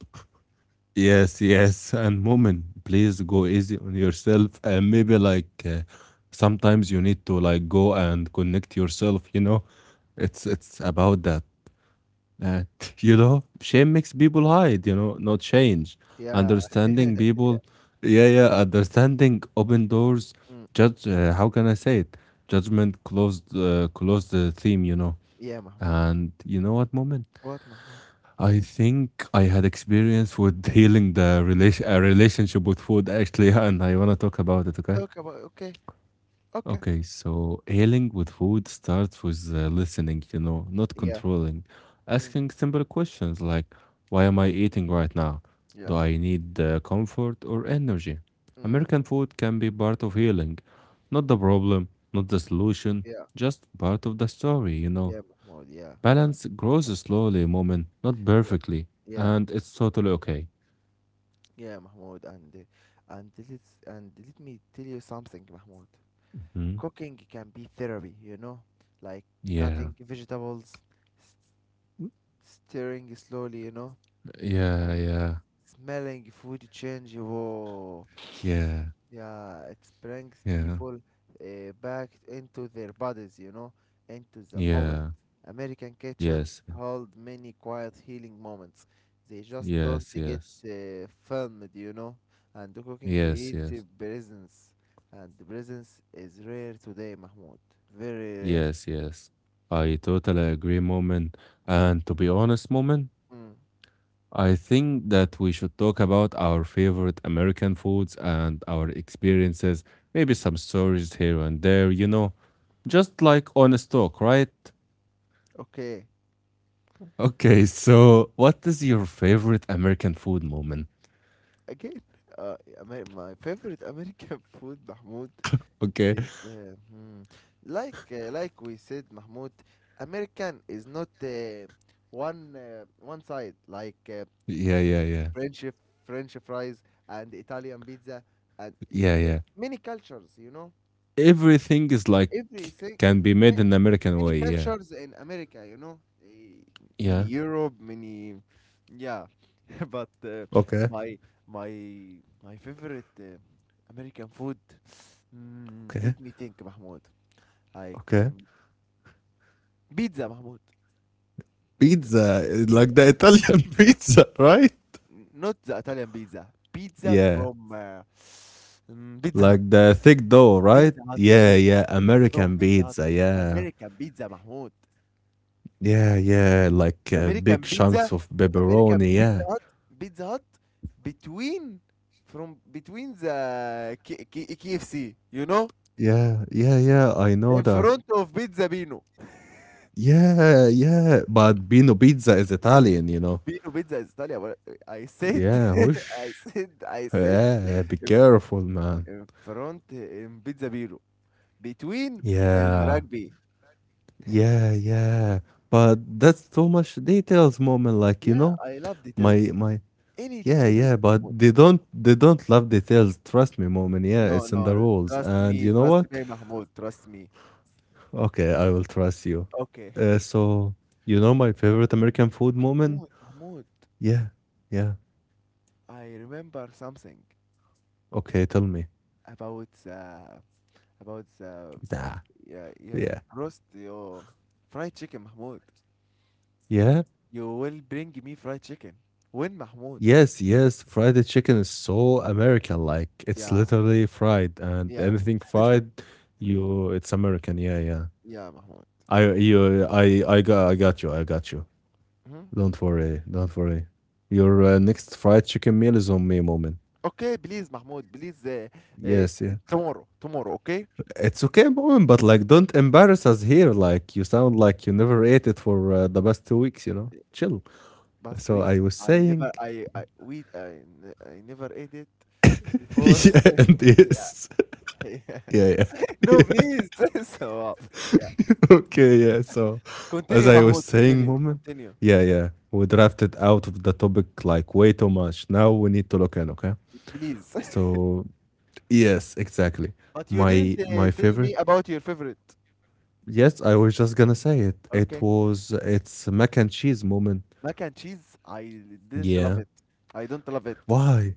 Yes, yes. And woman, please go easy on yourself. And maybe like sometimes you need to like go and connect yourself, you know? It's about that. Uh, you know, Shame makes people hide, you know, not change.
Yeah.
Understanding people, yeah, yeah, understanding open doors.
Hmm.
Judge, how can I say it? Judgment closed, closed the theme, you know.
Yeah, Mahmoud.
And you know what, moment?
What, Mahmoud?
I think I had experience with healing the relationship with food actually, and I wanna talk about it. Okay.
Talk about. Okay, okay.
Okay. So healing with food starts with listening. You know, not
Yeah.
controlling.
Mm,
Asking simple questions like, "Why am I eating right now? Do
yeah.
I need comfort or energy?"
Mm,
American food can be part of healing, not the problem, not the solution,
yeah.
just part of the story. You know,
Yeah, Mahmoud. Yeah. Uh,
balance grows slowly, moment, not
yeah.
perfectly,
Yeah.
and it's totally okay.
Yeah, Mahmoud. And let me tell you something, Mahmoud.
Mhm.
Cooking can be therapy, like
Yeah,
cutting vegetables, s- stirring slowly,
yeah,
and
yeah,
smelling food change. Whoa,
yeah,
yeah, it brings
yeah,
people back into their bodies, into the moment.
yeah,
American
yes,
kitchens hold many quiet healing moments. They just don't
yes,
get
yes,
filmed, and the cooking
yes,
creates a
yes,
presence. And the presence is rare today, Mahmoud. Very rare.
yes, yes. I totally agree, moment. And to be honest, moment,
Mm.
I think that we should talk about our favorite American foods and our experiences, maybe some stories here and there, you know, just like honest talk, right?
Okay,
Okay, so what is your favorite American food moment?
again, uh, my favorite American food, Mahmoud.
Okay.
Is there? Hmm. Like we said, Mahmoud, American is not one side like
Yeah, yeah, yeah.
French French fries and Italian pizza and
Yeah, yeah.
many cultures. You know,
Everything is like
everything
can be made
ma-
in American
many
way, yeah.
cultures in America. Eh, many
Yeah.
Europe, many yeah. But
Okay,
my my my favorite American food. Mm,
okay,
let me think, Mahmoud. Like
okay.
Pizza, Mahmoud. Pizza,
Pizza, eh,
pizza.
like the Italian pizza, right?
Not the Italian pizza. Pizza
Yeah.
from Pizza Hut.
Like the thick dough, right?
Pizza Hut.
Yeah,
Pizza
yeah,
Hut. From
American
Pizza Hut.
pizza, yeah.
American pizza, Mahmoud.
Yeah, yeah, like big
American pizza.
chunks of
American
pepperoni,
Pizza
yeah.
Hut. Pizza Hut. Between from between the K- K- KFC, you know,
Yeah, yeah, yeah, I know
in
that.
front of Pizza Bino.
Yeah, yeah, but Bino Pizza is Italian, you know.
Bino Pizza is Italian, but I said,
Yeah,
I
whoosh.
said, I said,
Yeah,
in,
be
f-
careful, man.
in front in Pizza Bino. Between
Yeah,
المراكبي.
yeah, yeah. But that's too much details, moment. Like you
Yeah,
know,
I love details.
my my.
Any
Yeah,
details,
yeah. But
Mahmoud.
they don't love details. Trust me, moment. Yeah,
No,
it's in the
no,
rules. And you know
trust
what?
me, Mahmoud, trust me.
Okay, I will trust you.
Okay.
So you know my favorite American food moment?
Mahmoud,
Yeah, yeah.
I remember something
Okay, tell me.
about the, about the,
Yeah,
yeah, yeah,
yeah,
roast your fried chicken, Mahmoud.
yeah.
You will bring me fried chicken. When, Mahmoud?
Yes, yes, fried chicken is so American. Like it's
Yeah,
literally fried, and
yeah,
anything fried, you it's American. Yeah, yeah.
yeah, Mahmoud.
I got you. I got you.
Hmm.
Don't worry. Don't worry. Your next fried chicken meal is on me, moment.
Okay, please, Mahmoud, please,
Yes, yeah.
it's tomorrow, tomorrow, okay?
It's okay, moment, but like don't embarrass us here. Like you sound like you never ate it for the past 2 weeks. You know, chill.
Past
So I
weeks
was
I
saying,
never I I we I, n- I never ate it before.
yeah, and
Yeah,
yes,
yeah.
yeah,
No,
yeah.
please. So yeah.
Okay, yeah. So, as
Continue,
I was
Mahmoud.
saying,
Continue.
moment,
Continue,
yeah, yeah, we drafted out of the topic like way too much. Now we need to look in, okay?
please.
So, yes, exactly.
But you didn't
My my
tell me
favorite.
about your favorite.
Yes, I was just gonna say it. It
Okay,
was it's mac and cheese moment.
mac and cheese. I didn't love
Yeah.
it. I don't love it.
Why?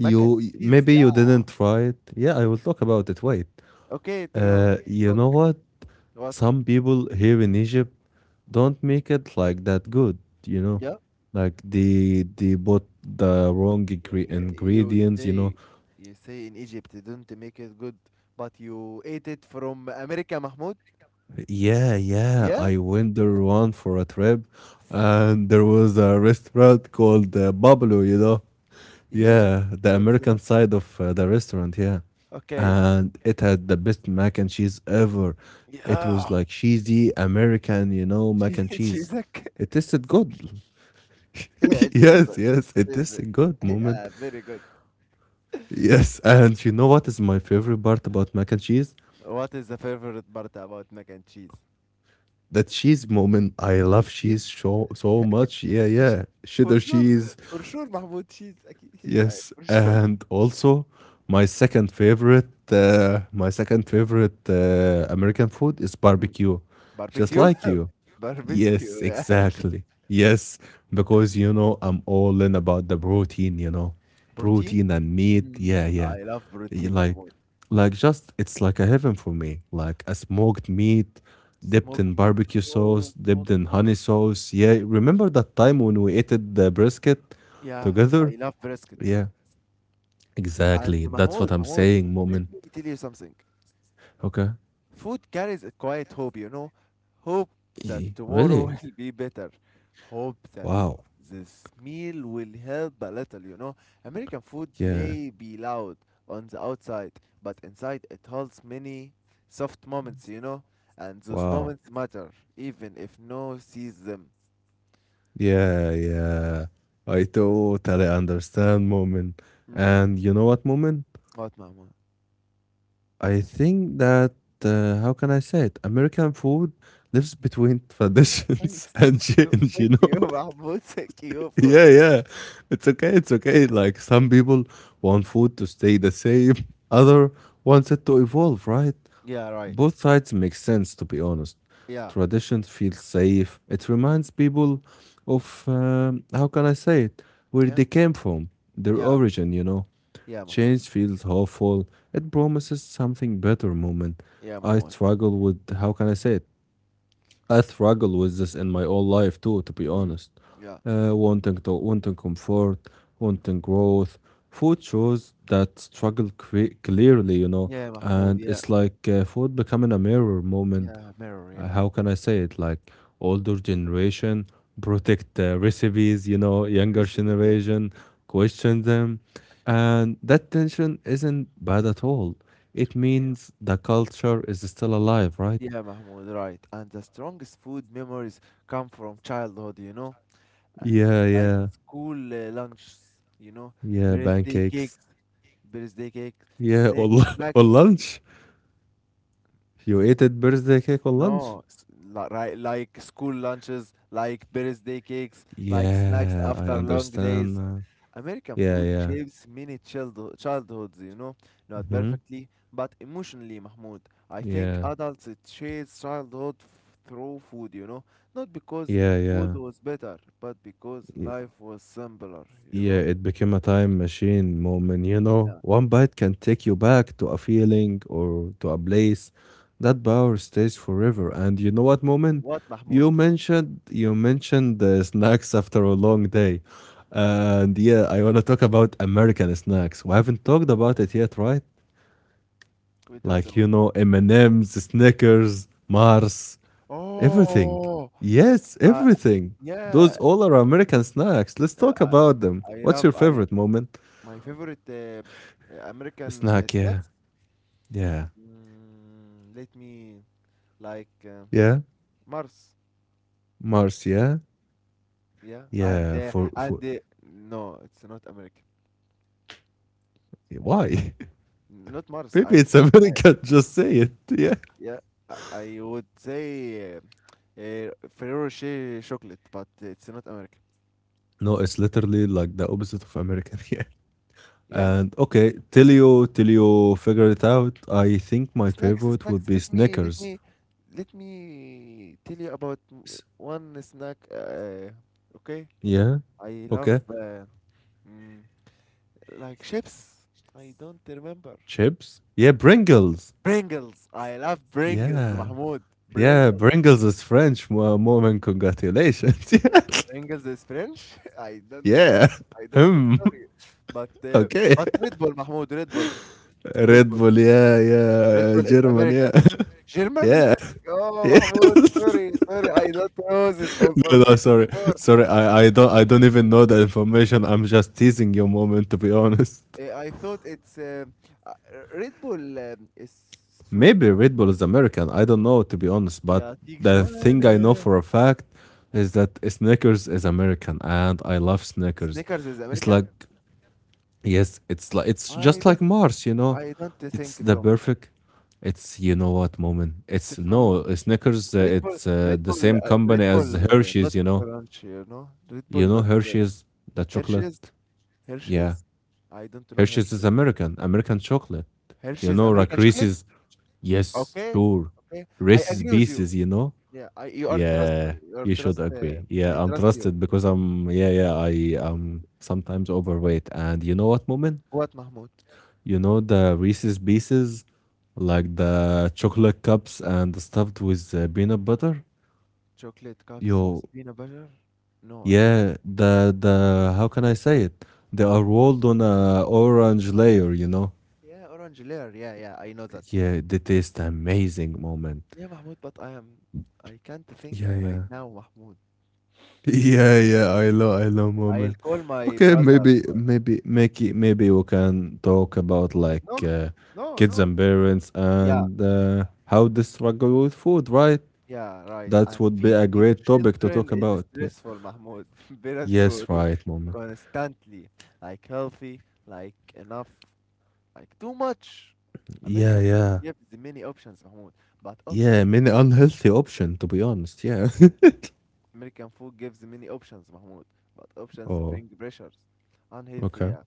Mac and cheese.
maybe
Yeah.
you didn't try it. Yeah, I will talk about it. Wait.
Okay, Trevor.
You know
Talk.
what?
What?
Some people here in Egypt don't make it like that good, you know.
Yeah.
Like they bought the wrong
You
ingredients, you know.
say say in Egypt they don't make it good, but you ate it from America, Mahmoud.
Yeah, yeah.
Yeah.
I went there one for a trip, and there was a restaurant called Bablo, you know.
Yeah,
Yeah, the
that's the
American
name.
side of the restaurant, yeah.
Okay.
And it had the best mac and cheese ever. It was
Yeah.
like cheesy American, you know, mac and
She,
cheese.
she's a kid.
It tasted good.
Yeah, she's
yes,
a
yes, it
she's
is
a,
a good moment.
yeah, very good.
Yes, and you know what is my favorite part about mac and cheese?
What is the favorite part about mac and cheese?
That cheese moment. I
The
love cheese
cheese?
so much. Yeah,
She-
yeah.
for
Cheddar
sure,
cheese.
for sure, Mahmoud cheese. أكيد. Yeah,
Yes,
for sure.
and also my second favorite American food is
Mm.
barbecue, just
Barbecue?
like you. Yes,
Barbecue, yeah.
exactly. Yes, because you know I'm all in about the protein, you know,
Protein?
protein and meat. Yeah,
Mm,
yeah.
I love
Y-
protein, Mahmoud.
Like just it's like a heaven for me. Like a smoked meat dipped in
Smoked meat.
barbecue sauce,
Oh,
dipped
smoked
in
meat.
honey sauce. Yeah, remember that time when we ate the brisket
Yeah,
together?
I love brisket.
Yeah.
And
Exactly. That's
Mahmoud,
what I'm
Mahmoud,
saying,
let
Moment.
me tell you something.
Okay.
Food carries a quiet hope, you know. Hope that
Eh,
tomorrow
really?
will be better. Hope that
Wow.
this meal will help a little, you know. American food
Yeah.
may be loud on the outside, but inside it holds many soft moments, you know. And those
Wow.
moments matter, even if no sees them.
Yeah. Yeah. I totally understand, Moment.
Hmm?
And you know what, Moment?
What, Mahmoud?
I think that, how can I say it? American food lives between
Yeah, thank,
traditions
thank
and
you.
change,
Thank
you know?
you, Mahmoud. Thank you for.
yeah. Yeah. It's okay. It's okay. Like some people want food to stay the same, other wants it to evolve, right?
Yeah, right.
Both sides make sense, to be honest.
Yeah.
Tradition feels safe. It reminds people of, how can I say it, where
Yeah,
they came from, their
yeah,
origin, you know.
yeah, Mahmoud.
Change feels hopeful. It promises something better moment.
Yeah,
I
Mahmoud.
struggle with, how can I say it, I struggle with this in my own life too, to be
Mm.
honest.
Yeah,
Wanting comfort, wanting growth. Food shows that struggle clearly, you know,
yeah, Mahmoud.
and
Yeah,
it's like food becoming a mirror moment.
yeah, mirror. Yeah,
How can I say it? Like older generation protect recipes, you know, younger
recipes. Yeah,
generation question them, and that tension isn't bad at all. It
yeah,
means the culture is still alive, right?
yeah, Mahmoud. Right. And the strongest food memories come from childhood. You know, and
Yeah,
like
yeah.
school lunches. You know,
Yeah,
birthday
pancakes.
cakes, birthday cakes,
Yeah,
sna
or or
snacks.
lunch. You ate it birthday cake or lunch?
No, s- li- right, like school lunches, like birthday cakes, like snacks
Yeah, I
after long
understand
days.
now.
American
Yeah,
food
yeah.
shapes many childhoods, you know, not
Hmm.
perfectly, but emotionally, Mahmoud. I think
Yeah,
adults chase childhood f- through food, you know, not because food
yeah,
was better, but because
yeah.
life was simpler, you
Yeah,
know.
it became a time machine moment, you know.
Yeah.
One bite can take you back to a feeling or to a place. That power stays forever. And you know what, moment?
What, Mahmoud?
You mentioned the snacks after a long day. And yeah, I want to talk about American snacks. We haven't talked about it yet, right?
We talked
Like,
about
you
it.
know, M&M's, Snickers, Mars, everything.
Oh,
Yes,
uh,
everything. Those
yeah.
all are American snacks. Let's
Uh,
talk
I,
about them.
I
What's your
love I
favorite moment?
My favorite American
Snack, yeah,
snacks.
yeah,
Mm, let me like
yeah,
Mars.
Mars, yeah,
Yeah,
yeah, for
and no, it's not American. Yeah,
why?
not Mars.
Maybe
I
it's American. Just say it. Yeah.
yeah, I I would say Ferrero Rocher chocolate, but it's not American.
No, it's literally like the opposite of American. Yeah.
Yeah,
And okay, till you figure it out, I think my
snacks,
favorite would
snacks.
be
Let me let
Snickers.
me let me tell you about
S-
one snack. Okay,
Yeah.
I love
Okay.
mm, like chips. I don't remember.
Chips. Yeah, Pringles.
Pringles. I love Pringles,
Yeah.
Mahmoud.
Yeah,
Pringles.
Pringles is French. Mo- Moment, congratulations. yeah.
Pringles is French? I don't know.
Yeah.
I don't.
Hmm.
Sorry, but uh,
Okay.
but Red Bull, Mahmoud. Red Bull. Red
Red
Bull.
Bull, yeah, yeah,
Red Bull is
German,
American.
yeah,
German?
yeah.
Oh,
Yeah.
Mahmoud. Sorry, sorry. I don't know this
No, no,
information
sorry,
before.
sorry. I don't even know the information. I'm just teasing your moment, to be honest.
I thought it's uh, Red Bull is Saudi.
Maybe Red Bull is American. I don't know, to be honest. But
يعطيك
the thing I know
جوانا.
for a fact is that Snickers is American, and I love Snickers.
Snickers is
It's
American.
like, yes, it's like it's
I
just
don't.
like Mars, you know.
I don't
It's
think
the
so, Mahmoud.
perfect. It's you know what moment.
It's
It's
from
no Snickers. Uh,
Red Bull.
it's uh,
Red
the
Bull.
same
Red
company
Bull.
as Hershey's.
Not French, you know. Red Bull.
You know
Not.
Hershey's the
Hershey's,
chocolate. Yeah,
Hershey's. I don't know
Hershey's is
Hershey's.
American, American chocolate. You
Hershey's
know, like
American chocolate.
Reese's. Yes,
Okay,
sure.
okay. I
Reese's
agree with you.
Pieces. You know.
Yeah, I you are trust
Yeah,
you are
you should
trust.
agree. Yeah,
I
I'm
trust you.
trusted because I'm. Yeah, yeah. I am sometimes overweight, and you know what moment?
What, Mahmoud?
The Reese's Pieces, like the chocolate cups and stuffed with peanut butter.
Chocolate cups
Yo,
with peanut butter? No, I don't.
yeah, the how can I say it? They
Hmm.
are rolled on a orange layer, you know.
Yeah, orange layer. Yeah, yeah. I know that.
Yeah, they taste amazing, moment.
Yeah, Mahmoud, but I am. I can't think
Yeah,
right
yeah,
now, Mahmoud.
yeah, yeah. I love,
I'll
moment.
call my
Okay,
brother.
maybe we can talk about like
No, no,
kids
no.
and parents
Yeah.
and how they struggle with food, right?
Yeah, right.
That
And
would be a
feeding the
great topic to
children
talk
is
about. Yeah.
stressful, Mahmoud. Parents
Yes,
worry
right, moment.
constantly, like healthy, like enough, like too much.
Yeah,
American food
yeah.
gives many options, Mahmoud. But
Yeah,
options
many
bring
unhealthy option to be honest. Yeah.
American food gives many options, Mahmoud. But options
oh,
bring pressures. Unhealthy,
okay.
yeah.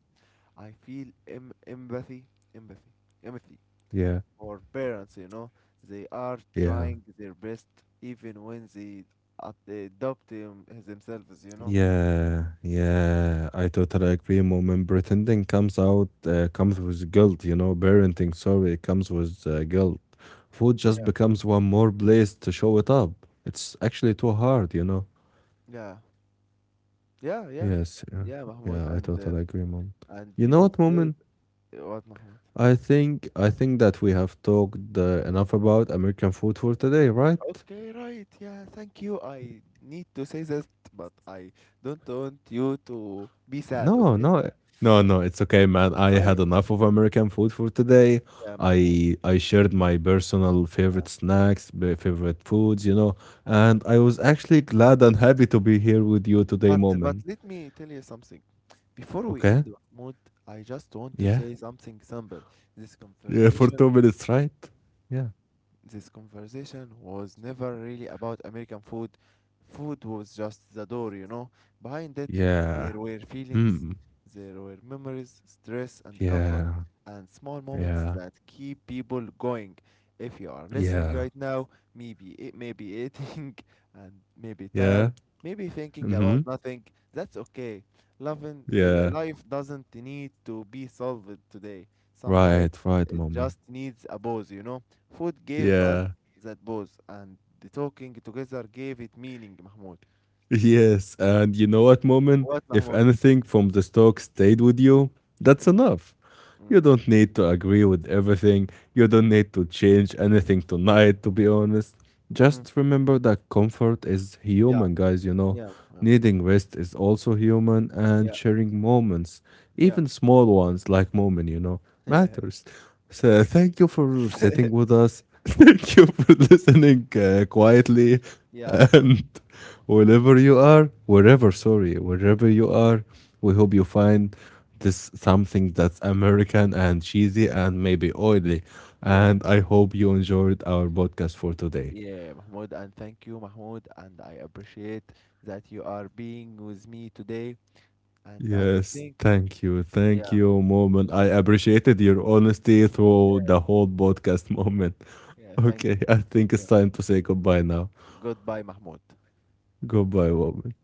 I feel empathy, empathy
Yeah.
for parents, you know. They are
Yeah.
trying their best even when they adopt them themselves, you know.
Yeah, yeah, I totally agree. Moment pretending comes out comes with guilt, you know. Parenting, sorry, it comes with guilt. Food just
Yeah,
becomes one more place to show it up. It's actually too hard, you know.
yeah, yeah, yeah,
Yes, yeah,
yeah, Mahmoud.
yeah, I
And uh,
totally agree, mom.
and
You know
people
what,
say
moment?
what, Mahmoud?
I think that we have talked enough about American food for today, right?
Okay, right. Yeah, thank you. I need to say this, but I don't want you to be sad.
No,
Okay?
no. No, no, it's okay, man. I
I
had enough of American food for today.
yeah, Mahmoud.
I shared my personal
Yeah.
favorite snacks, favorite foods, you know, and I was actually glad and happy to be here with you today,
But
moment.
let me tell you something. Before we
Okay?
end, Mahmoud, I just want to
Yeah.
say something simple. This
Yeah, for
conversation
2 minutes, right? Yeah.
This conversation was never really about American food. Food was just the door, you know. Behind it,
Yeah.
there were feelings,
Hmm.
there were memories, stress, and comfort,
Yeah.
and small moments
Yeah.
that keep people going. If you are listening
Yeah.
right now, maybe eating and maybe
Yeah.
tired, maybe thinking
Mm-hmm.
about nothing, that's okay. Loving l-
Yeah.
life doesn't need to be solved today. Sometimes
Right, right,
it
moment.
just needs a pause, you know. Food gave us
Yeah.
that buzz, and the talking together gave it meaning, Mahmoud.
Yes, and you know what, Moment?
What,
If
Mahmoud?
anything from this talk stayed with you, that's
Mm,
enough.
mm,
You don't need to agree with everything. You don't need to change anything tonight, to be honest.
mm.
Just remember that comfort is
Yeah,
human, guys, you know.
yeah, Mahmoud.
Needing rest is also human, and
yeah,
sharing moments,
yeah,
even small ones like moment, you know, matters. So, thank you for sitting with us. Thank you for listening quietly.
yeah, yeah,
And wherever you are, we hope you find this something that's American and cheesy and maybe oily.
yeah, Mah-
And I hope you enjoyed our podcast for today.
yeah, Mahmoud. And thank you, Mahmoud. And I appreciate that you are being with me today. And I
Yes,
think,
thank you. Thank
yeah,
you, Moment. I appreciated your honesty through
yeah,
the whole podcast moment.
yeah, thank
Okay,
you.
I think it's
Okay,
time to say goodbye now.
goodbye, Mahmoud.
Goodbye, Moment.